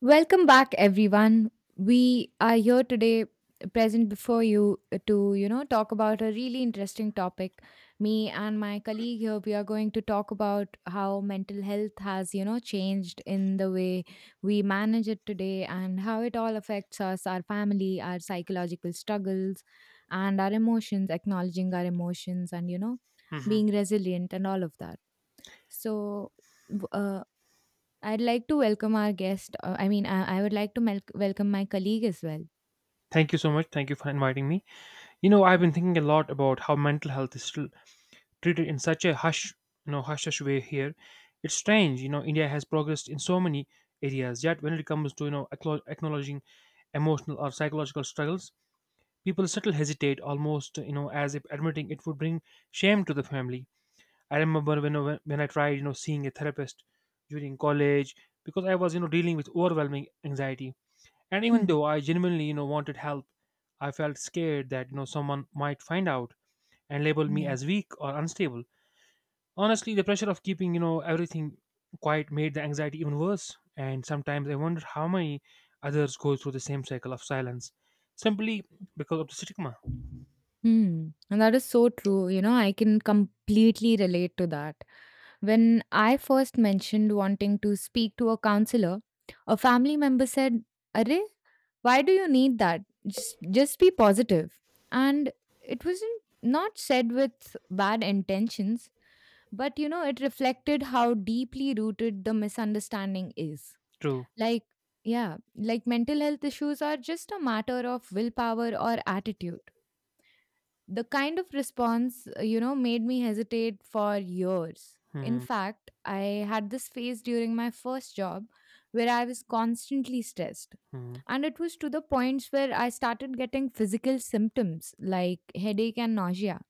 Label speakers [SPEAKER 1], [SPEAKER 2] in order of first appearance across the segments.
[SPEAKER 1] Welcome back, everyone. We are here today, present before you, to talk about a really interesting topic. Me and my colleague here, we are going to talk about how mental health has changed in the way we manage it today, and how it all affects us, our family, our psychological struggles, and our emotions. Acknowledging our emotions, and
[SPEAKER 2] Hmm.
[SPEAKER 1] being resilient, and all of that. So. I'd like to welcome our guest. I mean, I would like to welcome my colleague as well.
[SPEAKER 2] Thank you so much. Thank you for inviting me. I've been thinking a lot about how mental health is still treated in such a hush, hush hush way here. It's strange, India has progressed in so many areas, yet when it comes to acknowledging emotional or psychological struggles, people still hesitate, almost as if admitting it would bring shame to the family. I remember when I tried, seeing a therapist during college because I was dealing with overwhelming anxiety. And even
[SPEAKER 1] Hmm.
[SPEAKER 2] though I genuinely, wanted help, I felt scared that, someone might find out and label me
[SPEAKER 1] Yeah.
[SPEAKER 2] as weak or unstable. Honestly, the pressure of keeping, everything quiet made the anxiety even worse. And sometimes I wondered how many others go through the same cycle of silence simply because of the stigma.
[SPEAKER 1] Hmm. And that is so true. I can completely relate to that. When I first mentioned wanting to speak to a counselor, a family member said, Array, why do you need that? Just be positive. And it wasn't not said with bad intentions, but it reflected how deeply rooted the misunderstanding is.
[SPEAKER 2] True.
[SPEAKER 1] Like, yeah, like mental health issues are just a matter of willpower or attitude. The kind of response, made me hesitate for years. In
[SPEAKER 2] Hmm.
[SPEAKER 1] fact, I had this phase during my first job where I was constantly stressed.
[SPEAKER 2] Hmm.
[SPEAKER 1] And it was to the points where I started getting physical symptoms like headache and nausea.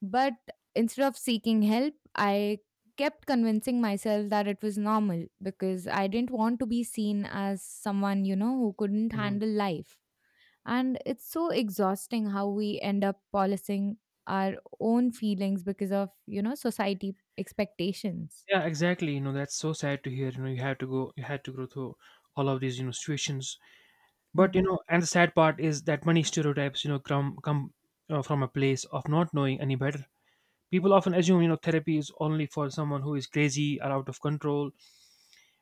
[SPEAKER 1] But instead of seeking help, I kept convincing myself that it was normal because I didn't want to be seen as someone, who couldn't
[SPEAKER 2] Hmm.
[SPEAKER 1] handle life. And it's so exhausting how we end up policing our own feelings because of, society expectations.
[SPEAKER 2] Yeah, exactly. That's so sad to hear. You had to go through all of these, situations. But
[SPEAKER 1] Hmm.
[SPEAKER 2] and the sad part is that many stereotypes come from a place of not knowing any better. People often assume therapy is only for someone who is crazy or out of control,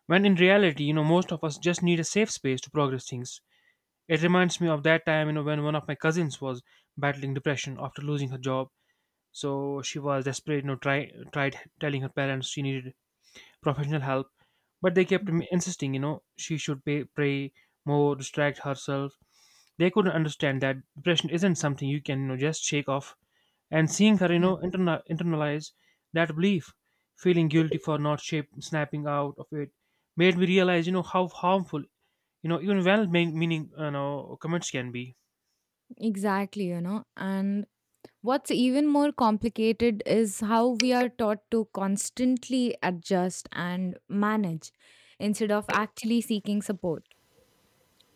[SPEAKER 2] when in reality most of us just need a safe space to progress things. It reminds me of that time when one of my cousins was battling depression after losing her job. So she was desperate, tried telling her parents she needed professional help, but they kept insisting she should pray more, distract herself. They couldn't understand that depression isn't something you can, just shake off. And seeing her
[SPEAKER 1] Yeah.
[SPEAKER 2] internalize that belief, feeling guilty for not snapping out of it, made me realize how harmful even well meaning, comments can be.
[SPEAKER 1] Exactly. And what's even more complicated is how we are taught to constantly adjust and manage instead of actually seeking support.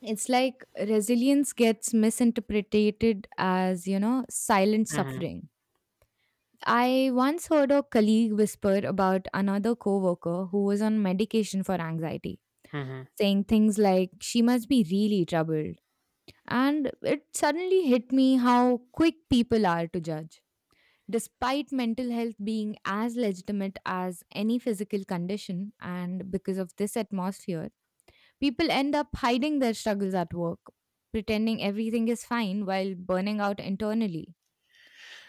[SPEAKER 1] It's like resilience gets misinterpreted as, silent
[SPEAKER 2] Hmm.
[SPEAKER 1] suffering. I once heard a colleague whisper about another coworker who was on medication for anxiety,
[SPEAKER 2] Hmm.
[SPEAKER 1] saying things like, she must be really troubled. And it suddenly hit me how quick people are to judge despite mental health being as legitimate as any physical condition, and because of this atmosphere, people end up hiding their struggles at work, pretending everything is fine while burning out internally.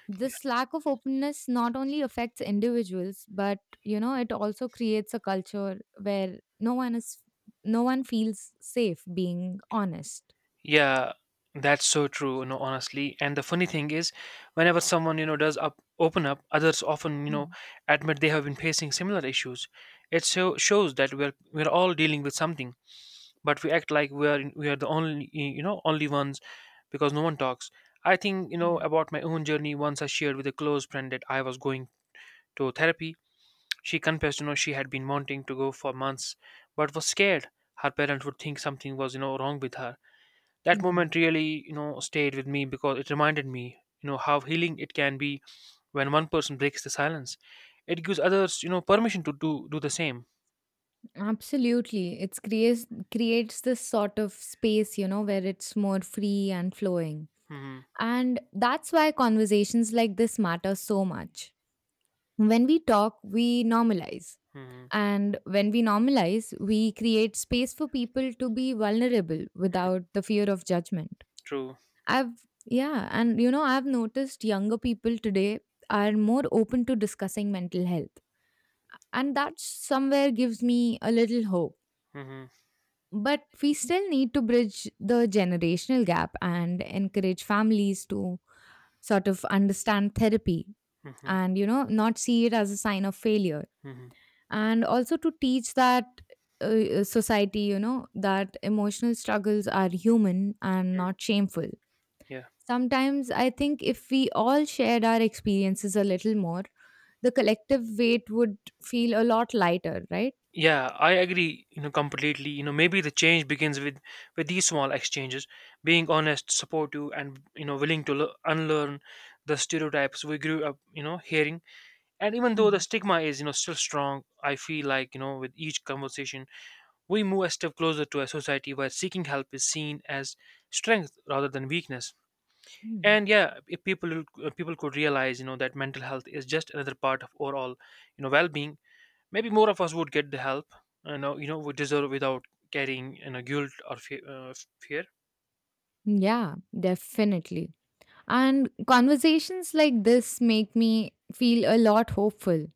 [SPEAKER 1] This lack of openness not only affects individuals, but it also creates a culture where no one feels safe being honest.
[SPEAKER 2] Yeah, that's so true, honestly. And the funny thing is, whenever someone, does up open up, others often,
[SPEAKER 1] Mm,
[SPEAKER 2] admit they have been facing similar issues. It so shows that we're all dealing with something, but we act like we are the only only ones because no one talks. I think,
[SPEAKER 1] yeah.
[SPEAKER 2] about my own journey, once I shared with a close friend that I was going to therapy, she confessed she had been wanting to go for months but was scared her parents would think something was wrong with her. That moment really, stayed with me because it reminded me how healing it can be when one person breaks the silence. It gives others permission to do the same.
[SPEAKER 1] Absolutely. It's creates creates this sort of space, where it's more free and flowing.
[SPEAKER 2] Hmm.
[SPEAKER 1] And that's why conversations like this matter so much. When we talk, we normalize.
[SPEAKER 2] Hmm.
[SPEAKER 1] And when we normalize, we create space for people to be vulnerable
[SPEAKER 2] Hmm.
[SPEAKER 1] without the fear of judgment.
[SPEAKER 2] True.
[SPEAKER 1] I've Yeah, and I've noticed younger people today are more open to discussing mental health. And that somewhere gives me a little hope.
[SPEAKER 2] Hmm.
[SPEAKER 1] But we still need to bridge the generational gap and encourage families to sort of understand therapy
[SPEAKER 2] Hmm.
[SPEAKER 1] and, not see it as a sign of failure.
[SPEAKER 2] Hmm. Hmm.
[SPEAKER 1] And also to teach that society, that emotional struggles are human and not shameful.
[SPEAKER 2] Yeah.
[SPEAKER 1] Sometimes I think if we all shared our experiences a little more, the collective weight would feel a lot lighter, right?
[SPEAKER 2] Yeah, I agree, completely. Maybe the change begins with these small exchanges, being honest, supportive and, willing to unlearn the stereotypes we grew up, hearing. And even though the
[SPEAKER 1] Mm,
[SPEAKER 2] stigma is, still strong, I feel like, with each conversation, we move a step closer to a society where seeking help is seen as strength rather than weakness.
[SPEAKER 1] mm.
[SPEAKER 2] And yeah, if people could realize, that mental health is just another part of overall, well-being. Maybe more of us would get the help we deserve without carrying, guilt or fear.
[SPEAKER 1] Yeah, definitely. And conversations like this make me feel a lot hopeful.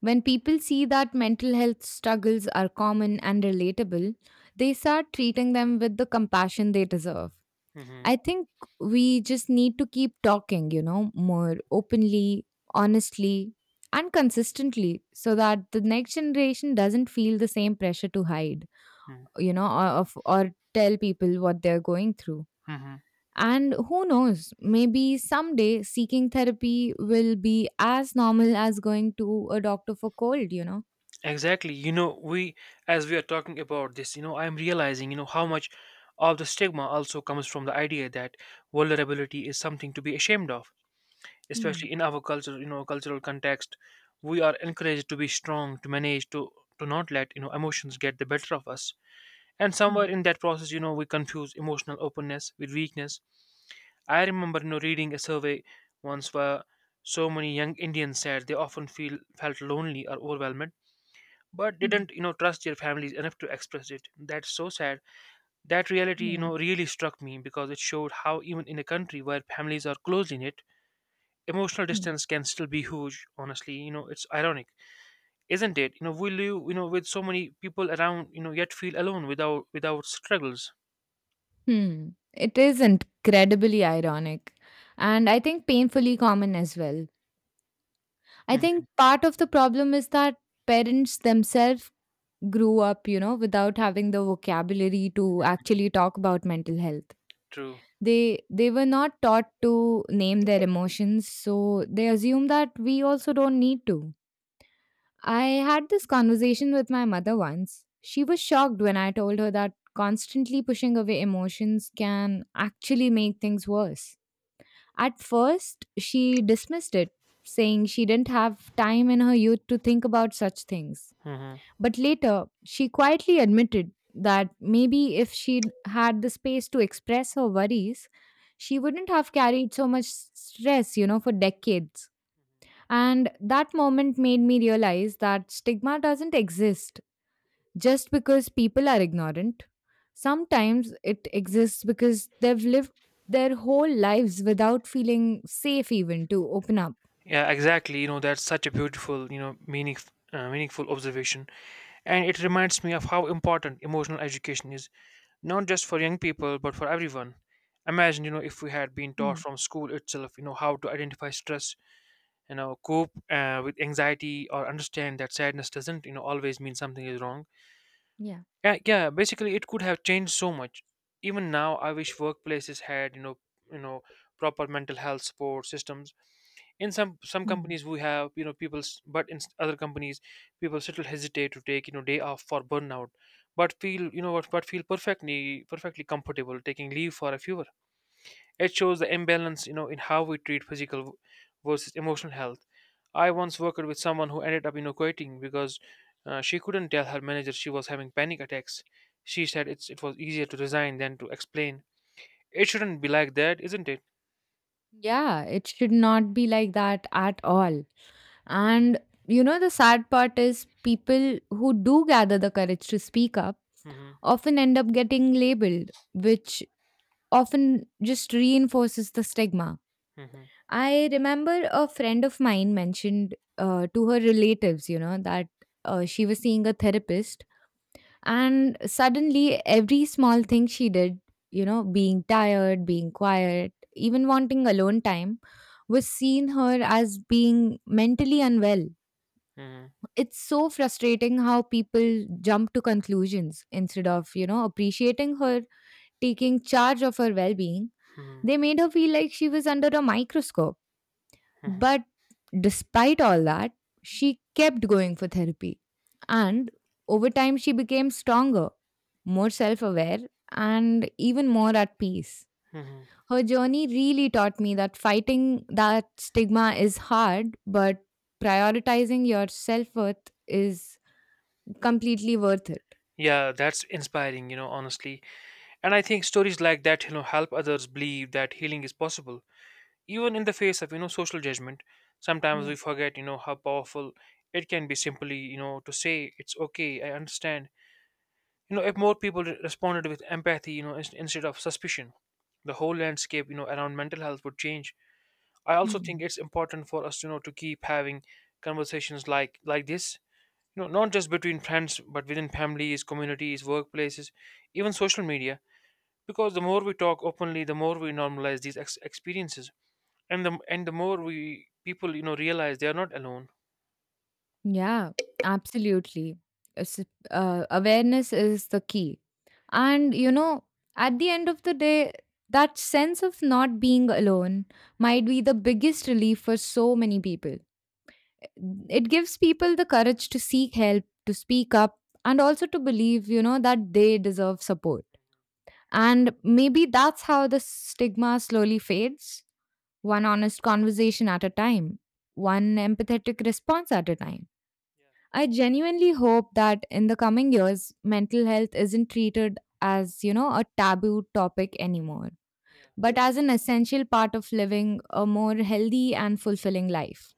[SPEAKER 1] When people see that mental health struggles are common and relatable, they start treating them with the compassion they deserve.
[SPEAKER 2] Hmm.
[SPEAKER 1] I think we just need to keep talking, more openly, honestly, and consistently so that the next generation doesn't feel the same pressure to hide, or, or tell people what they're going through.
[SPEAKER 2] Hmm.
[SPEAKER 1] And who knows, maybe someday seeking therapy will be as normal as going to a doctor for cold?
[SPEAKER 2] Exactly, we, as we are talking about this, I'm realizing how much of the stigma also comes from the idea that vulnerability is something to be ashamed of,
[SPEAKER 1] Mm,
[SPEAKER 2] especially in our culture. Cultural context, we are encouraged to be strong, to manage, to not let, emotions get the better of us, and somewhere
[SPEAKER 1] mm,
[SPEAKER 2] in that process, we confuse emotional openness with weakness. I remember, reading a survey once where so many young Indians said they often feel felt lonely or overwhelmed, but
[SPEAKER 1] mm,
[SPEAKER 2] didn't, trust their families enough to express it. That's so sad. That reality,
[SPEAKER 1] yeah.
[SPEAKER 2] really struck me because it showed how even in a country where families are closely knit, emotional
[SPEAKER 1] Hmm.
[SPEAKER 2] distance can still be huge. Honestly, it's ironic, isn't it? We live, with so many people around, yet feel alone without struggles.
[SPEAKER 1] Hmm. It is incredibly ironic and I think painfully common as well. I think
[SPEAKER 2] Hmm.
[SPEAKER 1] part of the problem is that parents themselves grew up, without having the vocabulary to actually talk about mental health.
[SPEAKER 2] True.
[SPEAKER 1] They were not taught to name their emotions, so they assume that we also don't need to. I had this conversation with my mother once. She was shocked when I told her that constantly pushing away emotions can actually make things worse. At first, she dismissed it, saying she didn't have time in her youth to think about such things.
[SPEAKER 2] Hmm.
[SPEAKER 1] But later, she quietly admitted that maybe if she'd had the space to express her worries, she wouldn't have carried so much stress, for decades. And that moment made me realize that stigma doesn't exist just because people are ignorant. Sometimes it exists because they've lived their whole lives without feeling safe even to open up.
[SPEAKER 2] Yeah, exactly. That's such a beautiful, meaningful observation. And it reminds me of how important emotional education is, not just for young people, but for everyone. Imagine, if we had been taught
[SPEAKER 1] Mm.
[SPEAKER 2] from school itself, how to identify stress, cope, with anxiety, or understand that sadness doesn't, always mean something is wrong.
[SPEAKER 1] Yeah.
[SPEAKER 2] Yeah, yeah. Basically, it could have changed so much. Even now, I wish workplaces had, you know proper mental health support systems. In some
[SPEAKER 1] Mm.
[SPEAKER 2] companies, we have, people, other companies, people still hesitate to take, day off for burnout, but feel, you know what but feel perfectly comfortable taking leave for a fever. It shows the imbalance, in how we treat physical versus emotional health. I once worked with someone who ended up, quitting because, she couldn't tell her manager she was having panic attacks. She said it was easier to resign than to explain. It shouldn't be like that, isn't it?
[SPEAKER 1] Yeah, it should not be like that at all. And the sad part is people who do gather the courage to speak up
[SPEAKER 2] Hmm.
[SPEAKER 1] often end up getting labeled, which often just reinforces the stigma.
[SPEAKER 2] Hmm.
[SPEAKER 1] I remember a friend of mine mentioned to her relatives, that she was seeing a therapist, and suddenly every small thing she did, being tired, being quiet, even wanting alone time, was seen her as being mentally unwell.
[SPEAKER 2] Hmm.
[SPEAKER 1] It's so frustrating how people jump to conclusions instead of, appreciating her taking charge of her well being.
[SPEAKER 2] Hmm.
[SPEAKER 1] They made her feel like she was under a microscope,
[SPEAKER 2] Hmm.
[SPEAKER 1] but despite all that, she kept going for therapy. And over time, she became stronger, more self aware, and even more at peace.
[SPEAKER 2] Hmm.
[SPEAKER 1] Her journey really taught me that fighting that stigma is hard, but prioritizing your self worth is completely worth it.
[SPEAKER 2] Yeah, that's inspiring, honestly. And I think stories like that, help others believe that healing is possible, even in the face of, social judgment. Sometimes
[SPEAKER 1] Yeah.
[SPEAKER 2] we forget, how powerful it can be simply, to say it's okay, I understand. If more people responded with empathy, instead of suspicion, the whole landscape, around mental health would change. I also
[SPEAKER 1] Hmm.
[SPEAKER 2] think it's important for us, to keep having conversations like this, not just between friends but within families, communities, workplaces, even social media, because the more we talk openly, the more we normalize these experiences, and the more we people, realize they are not alone.
[SPEAKER 1] Yeah, absolutely. It's, Awareness is the key. And, at the end of the day, that sense of not being alone might be the biggest relief for so many people. It gives people the courage to seek help, to speak up, and also to believe, that they deserve support. And maybe that's how the stigma slowly fades one honest conversation at a time, one empathetic response at a time.
[SPEAKER 2] Yeah.
[SPEAKER 1] I genuinely hope that in the coming years, mental health isn't treated as, a taboo topic anymore,
[SPEAKER 2] Yeah.
[SPEAKER 1] but as an essential part of living a more healthy and fulfilling life.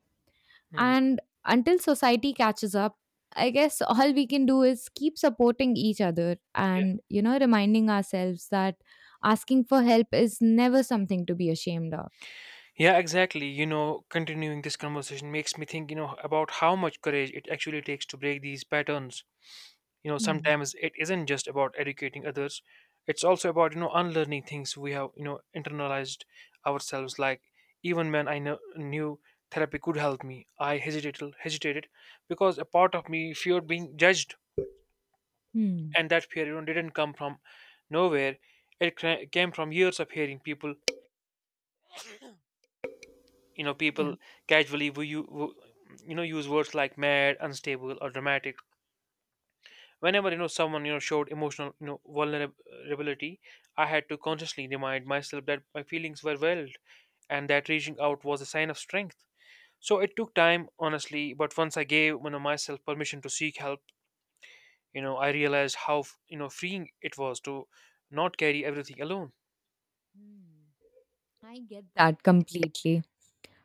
[SPEAKER 2] Mhm.
[SPEAKER 1] And until society catches up, I guess all we can do is keep supporting each other
[SPEAKER 2] Yeah.
[SPEAKER 1] and, reminding ourselves that asking for help is never something to be ashamed of.
[SPEAKER 2] Yeah, exactly. Continuing this conversation makes me think, about how much courage it actually takes to break these patterns.
[SPEAKER 1] Hmm.
[SPEAKER 2] Sometimes it isn't just about educating others, it's also about, unlearning things we have, internalized ourselves. Like, even when knew therapy could help me, I hesitated because a part of me feared being judged.
[SPEAKER 1] Hmm.
[SPEAKER 2] And that fear, didn't come from nowhere. It came from years of hearing people, you know,
[SPEAKER 1] Yeah.
[SPEAKER 2] people casually use words like mad, unstable, or dramatic. Whenever, someone, showed emotional, vulnerability, I had to consciously remind myself that my feelings were valid and that reaching out was a sign of strength. So it took time, honestly, but once I gave, myself permission to seek help, I realized how, freeing it was to not carry everything alone.
[SPEAKER 1] Hmm. I get that completely.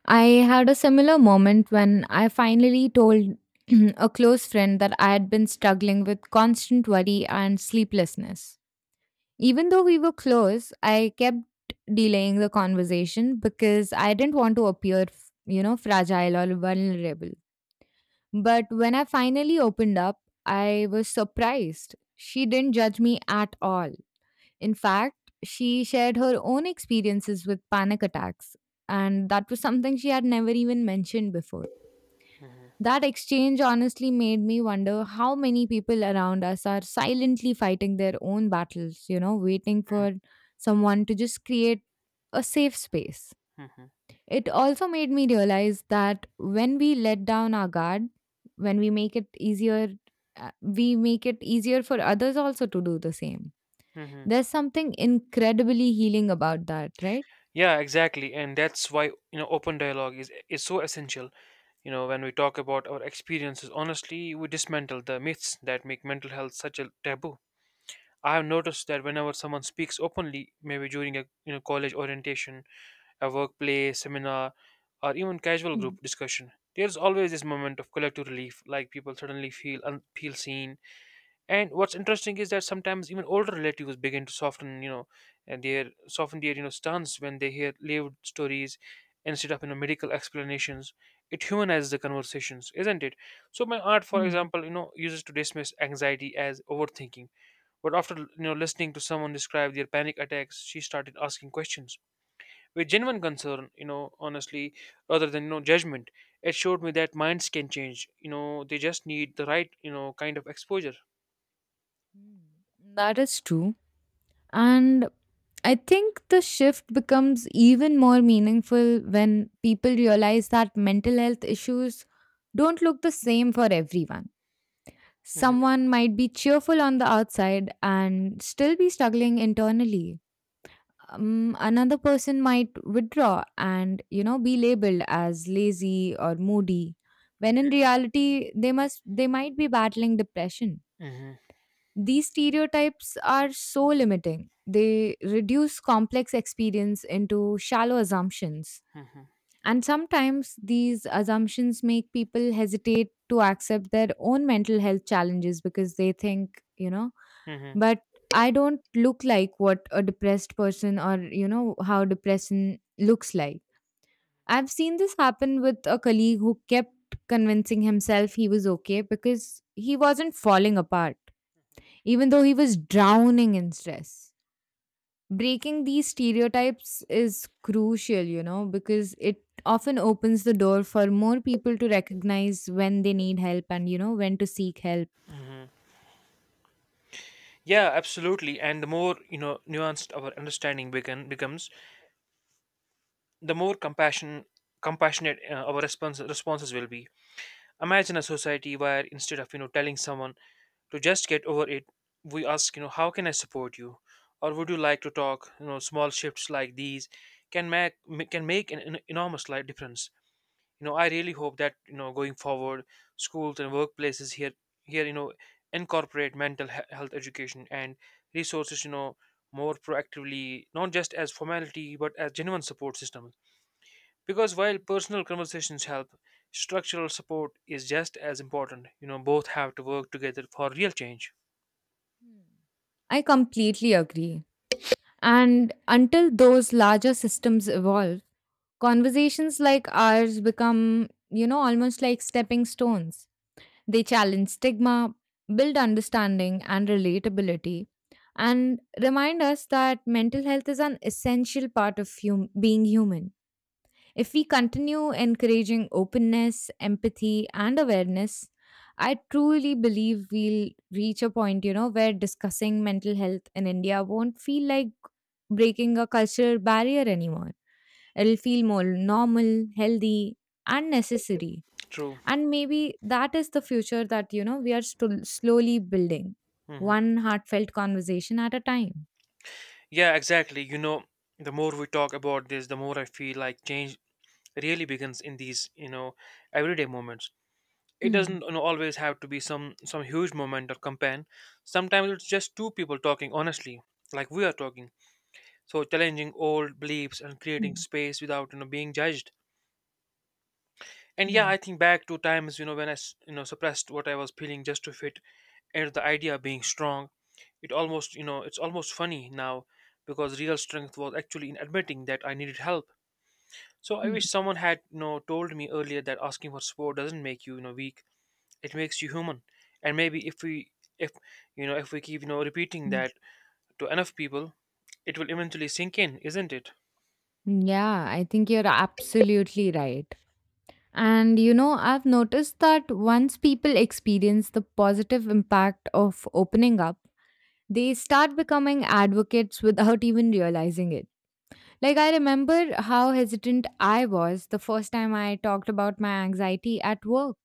[SPEAKER 1] I had a similar moment when I finally told a close friend that I had been struggling with constant worry and sleeplessness. Even though we were close, I kept delaying the conversation because I didn't want to appear, fragile or vulnerable. But when I finally opened up, I was surprised. She didn't judge me at all. In fact, she shared her own experiences with panic attacks, and that was something she had never even mentioned before.
[SPEAKER 2] Hmm.
[SPEAKER 1] That exchange honestly made me wonder how many people around us are silently fighting their own battles, waiting for someone to just create a safe space. It also made me realize that when we let down our guard, when we make it easier, we make it easier for others also to do the same.
[SPEAKER 2] Hmm.
[SPEAKER 1] There's something incredibly healing about that, right?
[SPEAKER 2] Yeah, exactly, and that's why, open dialogue is so essential. When we talk about our experiences, honestly, we dismantle the myths that make mental health such a taboo. I have noticed that whenever someone speaks openly, maybe during a, college orientation, a workplace seminar, or even casual
[SPEAKER 1] Mm,
[SPEAKER 2] group discussion, there's always this moment of collective relief, like people suddenly feel seen. And what's interesting is that sometimes even older relatives begin to soften, and their soften their, stance when they hear lived stories instead of, medical explanations. It humanizes the conversations, isn't it? So my art, for
[SPEAKER 1] mm,
[SPEAKER 2] example, uses to dismiss anxiety as overthinking. But after, listening to someone describe their panic attacks, she started asking questions with genuine concern, honestly, rather than, judgment. It showed me that minds can change. They just need the right, kind of exposure.
[SPEAKER 1] mm. That is true. And I think the shift becomes even more meaningful when people realize that mental health issues don't look the same for everyone.
[SPEAKER 2] Hmm.
[SPEAKER 1] Someone might be cheerful on the outside and still be struggling internally. Another person might withdraw and be labeled as lazy or moody when in reality they might be battling depression.
[SPEAKER 2] Hmm.
[SPEAKER 1] These stereotypes are so limiting. They reduce complex experience into shallow assumptions.
[SPEAKER 2] Mhm,
[SPEAKER 1] And sometimes these assumptions make people hesitate to accept their own mental health challenges because they think,
[SPEAKER 2] mhm,
[SPEAKER 1] but I don't look like what a depressed person, or how depression looks like. I've seen this happen with a colleague who kept convincing himself he was okay because he wasn't falling apart, even though he was drowning in stress. Breaking these stereotypes is crucial, because it often opens the door for more people to recognize when they need help and when to seek help.
[SPEAKER 2] mhm. Yeah, absolutely. And the more, nuanced our understanding becomes, the more compassionate, our responses will be. Imagine a society where instead of, telling someone to just get over it, we ask, how can I support you, or would you like to talk? You know, small shifts like these can make can make an enormous life difference. I really hope that going forward schools and workplaces here incorporate mental health education and resources more proactively, not just as formality but as genuine support system, because while personal conversations help, structural support is just as important. Both have to work together for real change.
[SPEAKER 1] I completely agree. And until those larger systems evolve, conversations like ours become, almost like stepping stones. They challenge stigma, build understanding and relatability, and remind us that mental health is an essential part of being human. If we continue encouraging openness, empathy, and awareness, I truly believe we'll reach a point, where discussing mental health in India won't feel like breaking a cultural barrier anymore. It'll feel more normal, healthy, and necessary.
[SPEAKER 2] True.
[SPEAKER 1] And maybe that is the future that, we are slowly building,
[SPEAKER 2] Hmm.
[SPEAKER 1] one heartfelt conversation at a time.
[SPEAKER 2] Yeah, exactly. The more we talk about this, the more I feel like change really begins in these, everyday moments. It
[SPEAKER 1] Hmm.
[SPEAKER 2] doesn't always have to be some huge moment or campaign. Sometimes it's just two people talking honestly, like we are talking, so challenging old beliefs and creating
[SPEAKER 1] Hmm.
[SPEAKER 2] space without being judged. And yeah,
[SPEAKER 1] Yeah.
[SPEAKER 2] I think back to times when I suppressed what I was feeling just to fit into the idea of being strong. It almost you know it's almost funny now, because real strength was actually in admitting that I needed help. So I
[SPEAKER 1] Hmm.
[SPEAKER 2] wish someone had told me earlier that asking for support doesn't make you you know weak. It makes you human. And maybe if we, if, if we keep repeating
[SPEAKER 1] Hmm.
[SPEAKER 2] that to enough people, it will eventually sink in, isn't it?
[SPEAKER 1] Yeah, I think you're absolutely right. And you know, I've noticed that once people experience the positive impact of opening up, they start becoming advocates without even realizing it. Like, I remember how hesitant I was the first time I talked about my anxiety at work.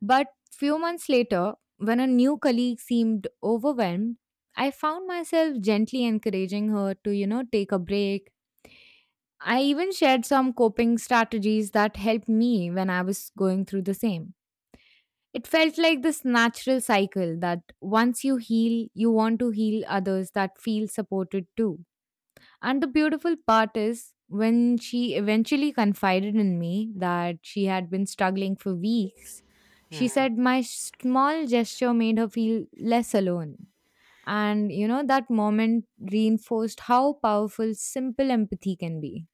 [SPEAKER 1] But few months later, when a new colleague seemed overwhelmed, I found myself gently encouraging her to, you know, take a break. I even shared some coping strategies that helped me when I was going through the same. It felt like this natural cycle that once you heal, you want to heal others that feel supported too. And the beautiful part is when she eventually confided in me that she had been struggling for weeks, she
[SPEAKER 2] Mhm.
[SPEAKER 1] said my small gesture made her feel less alone. And you know, that moment reinforced how powerful simple empathy can be.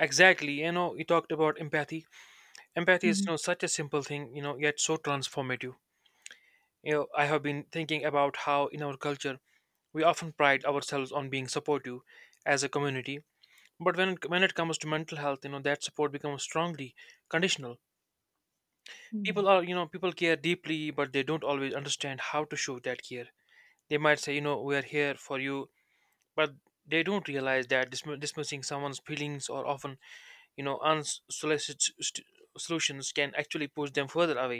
[SPEAKER 2] Exactly. You talked about empathy. Empathy is,
[SPEAKER 1] Mhm.
[SPEAKER 2] such a simple thing, yet so transformative. I have been thinking about how in our culture we often pride ourselves on being supportive as a community, but when it comes to mental health, that support becomes strongly conditional.
[SPEAKER 1] Mhm.
[SPEAKER 2] People are you know people care deeply, but they don't always understand how to show that care. They might say, we are here for you, but they don't realize that dismissing someone's feelings, or often, unsolicited solutions, can actually push them further away.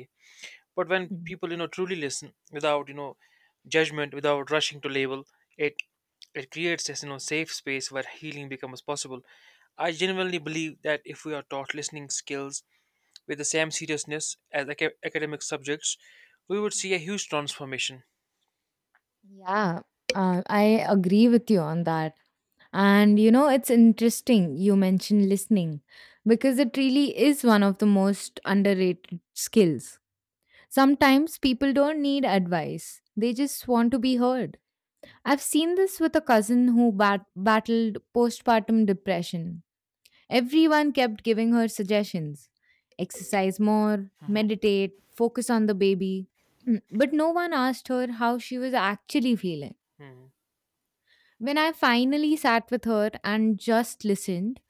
[SPEAKER 2] But when
[SPEAKER 1] Mhm.
[SPEAKER 2] people, truly listen without, judgment, without rushing to label, it it creates this, safe space where healing becomes possible. I genuinely believe that if we are taught listening skills with the same seriousness as academic subjects, we would see a huge transformation.
[SPEAKER 1] Yeah, I agree with you on that. And you know, it's interesting you mentioned listening because it really is one of the most underrated skills. Sometimes people don't need advice, they just want to be heard. I've seen this with a cousin who battled postpartum depression. Everyone kept giving her suggestions: exercise more, meditate, focus on the baby. But no one asked her how she was actually feeling.
[SPEAKER 2] Hmm.
[SPEAKER 1] When I finally sat with her and just listened,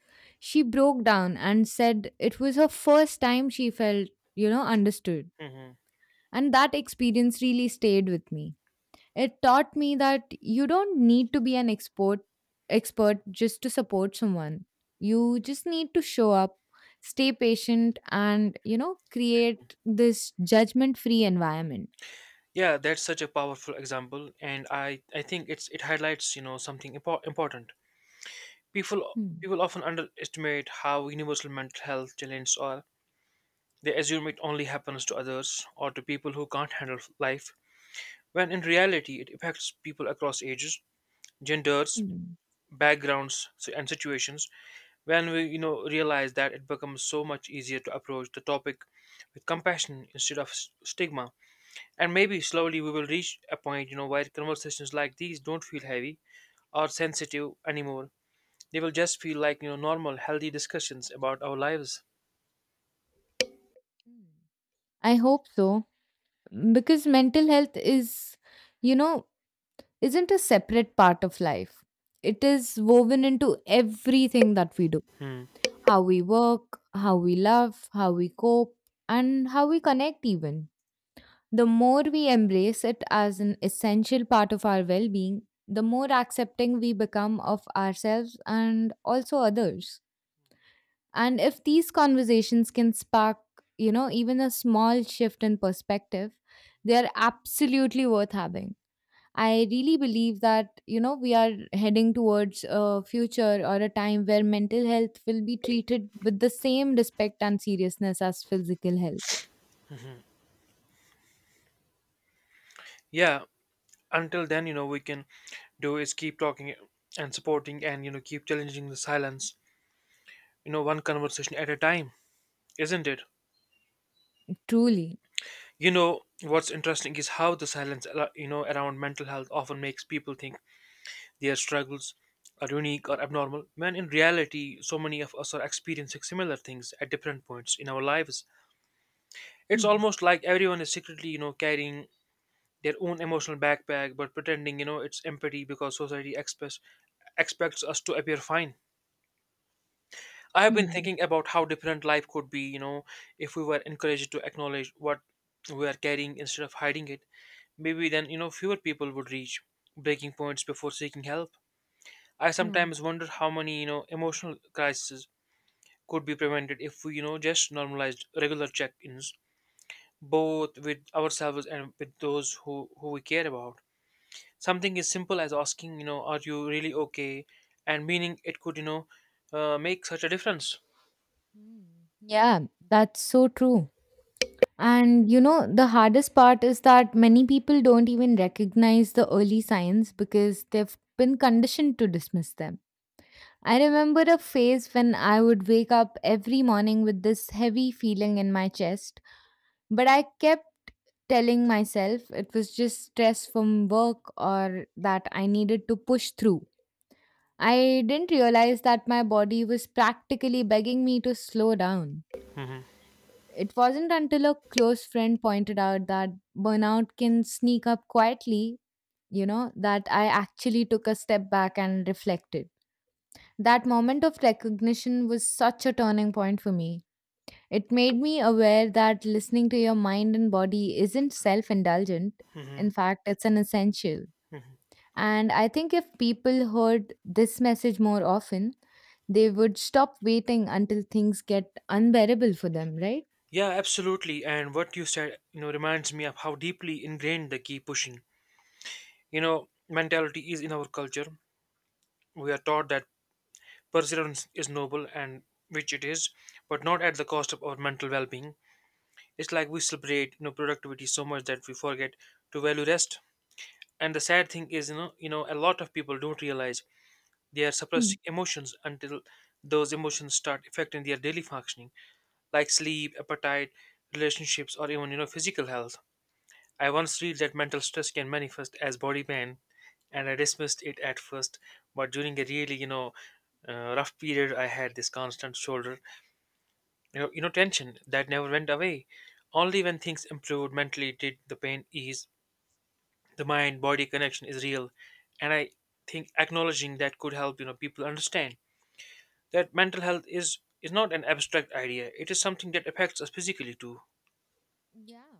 [SPEAKER 1] she broke down and said it was her first time she felt, you know, understood.
[SPEAKER 2] Hmm.
[SPEAKER 1] And that experience really stayed with me. It taught me that you don't need to be an expert expert just to support someone. You just need to show up, stay patient and, you know, create this judgment-free environment.
[SPEAKER 2] Yeah, that's such a powerful example, and I think it highlights something important. People
[SPEAKER 1] Hmm.
[SPEAKER 2] people often underestimate how universal mental health challenges are. They assume it only happens to others or to people who can't handle life, when in reality it affects people across ages, genders,
[SPEAKER 1] Hmm.
[SPEAKER 2] backgrounds, and situations. When we realize that, it becomes so much easier to approach the topic with compassion instead of stigma. And maybe slowly we will reach a point, where conversations like these don't feel heavy or sensitive anymore. They will just feel like, normal, healthy discussions about our lives.
[SPEAKER 1] I hope so, because mental health is, you know, isn't a separate part of life. It is woven into everything that we do:
[SPEAKER 2] Hmm.
[SPEAKER 1] how we work, how we love, how we cope, and how we connect, even. The more we embrace it as an essential part of our well being, the more accepting we become of ourselves and also others. And if these conversations can spark, you know, even a small shift in perspective, they are absolutely worth having. I really believe that, you know, we are heading towards a future or a time where mental health will be treated with the same respect and seriousness as physical health.
[SPEAKER 2] Yeah. Until then, we can do is keep talking and supporting and, keep challenging the silence, one conversation at a time, isn't it?
[SPEAKER 1] Truly.
[SPEAKER 2] You know what's interesting is how the silence, around mental health often makes people think their struggles are unique or abnormal, when in reality, so many of us are experiencing similar things at different points in our lives. It's
[SPEAKER 1] Hmm.
[SPEAKER 2] almost like everyone is secretly, carrying their own emotional backpack, but pretending it's empty because society expects us to appear fine. I have been
[SPEAKER 1] Hmm.
[SPEAKER 2] thinking about how different life could be, if we were encouraged to acknowledge what we are carrying instead of hiding it. Maybe then fewer people would reach breaking points before seeking help. I
[SPEAKER 1] Yeah.
[SPEAKER 2] sometimes wonder how many emotional crises could be prevented if we, just normalized regular check-ins, both with ourselves and with those who we care about. Something as simple as asking, are you really okay? And meaning it could, make such a difference.
[SPEAKER 1] Hmm. Yeah, that's so true. And you know, the hardest part is that many people don't even recognize the early signs because they've been conditioned to dismiss them. I remember a phase when I would wake up every morning with this heavy feeling in my chest, but I kept telling myself it was just stress from work or that I needed to push through. I didn't realize that my body was practically begging me to slow down.
[SPEAKER 2] Hmm.
[SPEAKER 1] It wasn't until a close friend pointed out that burnout can sneak up quietly, you know, that I actually took a step back and reflected. That moment of recognition was such a turning point for me. It made me aware that listening to your mind and body isn't self indulgent.
[SPEAKER 2] Hmm.
[SPEAKER 1] In fact, it's an essential.
[SPEAKER 2] Hmm.
[SPEAKER 1] And I think if people heard this message more often, they would stop waiting until things get unbearable for them, right?
[SPEAKER 2] Yeah, absolutely. And what you said, reminds me of how deeply ingrained the key pushing, mentality is in our culture. We are taught that perseverance is noble and, which it is, but not at the cost of our mental well-being. It's like we celebrate, productivity so much that we forget to value rest. And the sad thing is, a lot of people don't realize they are
[SPEAKER 1] Hmm.
[SPEAKER 2] suppressing emotions until those emotions start affecting their daily functioning, like sleep, appetite, relationships, or even, physical health. I once read that mental stress can manifest as body pain, and I dismissed it at first. But during a really, rough period, I had this constant shoulder, tension that never went away. Only when things improved mentally did the pain ease. The mind body connection is real. And I think acknowledging that could help, people understand that mental health is not an abstract idea. It is something that affects us physically too.
[SPEAKER 1] Yeah.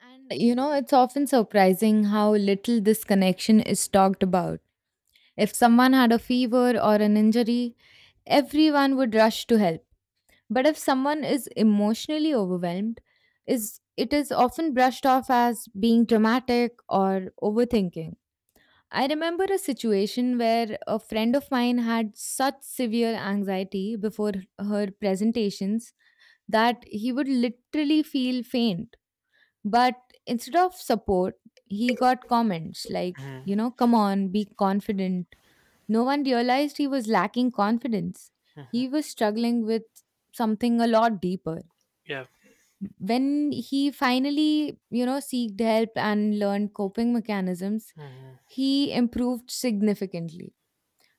[SPEAKER 1] And you know, it's often surprising how little this connection is talked about. If someone had a fever or an injury, everyone would rush to help. But if someone is emotionally overwhelmed, is it is often brushed off as being dramatic or overthinking. I remember a situation where a friend of mine had such severe anxiety before her presentations that he would literally feel faint. But instead of support, he got comments like, you
[SPEAKER 2] Mm-hmm.
[SPEAKER 1] know, come on, be confident. No one realized he was lacking confidence.
[SPEAKER 2] Hmm.
[SPEAKER 1] He was struggling with something a lot deeper.
[SPEAKER 2] Yeah.
[SPEAKER 1] When he finally, you know, seeked help and learned coping mechanisms,
[SPEAKER 2] Hmm.
[SPEAKER 1] he improved significantly.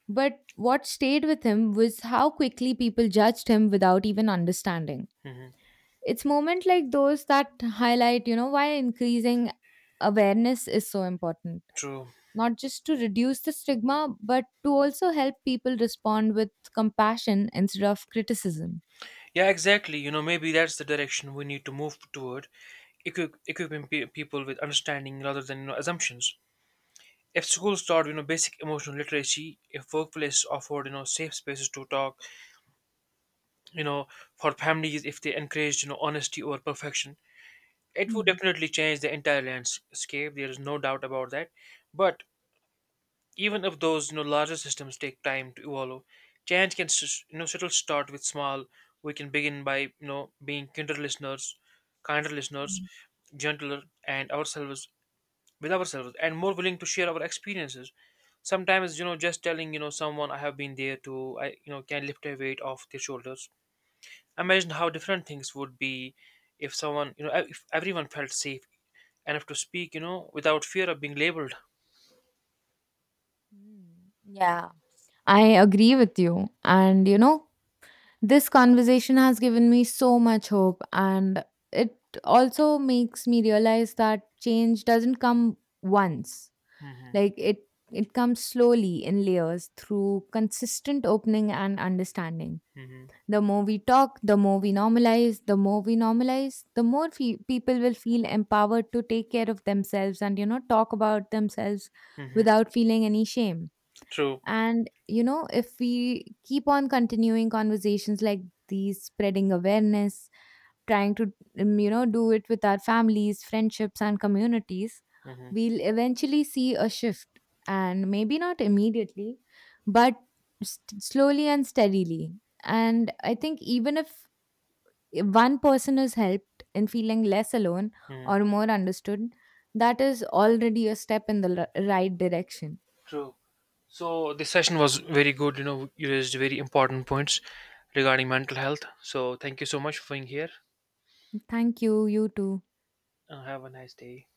[SPEAKER 1] But what stayed with him was how quickly people judged him without even understanding.
[SPEAKER 2] Hmm.
[SPEAKER 1] It's moment like those that highlight, you know, why increasing awareness is so important.
[SPEAKER 2] True.
[SPEAKER 1] Not just to reduce the stigma, but to also help people respond with compassion instead of criticism.
[SPEAKER 2] Yeah, exactly. You know, maybe that's the direction we need to move toward, equipping people with understanding rather than, assumptions. If schools taught, basic emotional literacy, if workplaces offered, safe spaces to talk, you know, for families, if they encouraged, honesty over perfection, it would
[SPEAKER 1] Hmm.
[SPEAKER 2] definitely change the entire landscape. There is no doubt about that. But even if those, larger systems take time to evolve, change can, still start with small. We can begin by, being kinder listeners,
[SPEAKER 1] Mm,
[SPEAKER 2] gentler, and ourselves, with ourselves, and more willing to share our experiences. Sometimes just telling someone I have been there to I can lift a weight off their shoulders. Imagine how different things would be if someone, if everyone felt safe enough to speak without fear of being labeled.
[SPEAKER 1] mm, Yeah, I agree with you. And you know, this conversation has given me so much hope, and it also makes me realize that change doesn't come once.
[SPEAKER 2] Hmm.
[SPEAKER 1] Like it comes slowly in layers through consistent opening and understanding.
[SPEAKER 2] Hmm.
[SPEAKER 1] The more we talk, The more we normalize the more people will feel empowered to take care of themselves and you know talk about themselves
[SPEAKER 2] Hmm.
[SPEAKER 1] without feeling any shame.
[SPEAKER 2] True.
[SPEAKER 1] And, you know, if we keep on continuing conversations like these, spreading awareness, trying to, you know, do it with our families, friendships, and communities,
[SPEAKER 2] Hmm.
[SPEAKER 1] we'll eventually see a shift. And maybe not immediately, but slowly and steadily. And I think even if one person is helped in feeling less alone
[SPEAKER 2] Hmm.
[SPEAKER 1] or more understood, that is already a step in the right direction.
[SPEAKER 2] True. So this session was very good. You raised very important points regarding mental health, so thank you so much for being here,
[SPEAKER 1] Thank you. You too.
[SPEAKER 2] and have a nice day.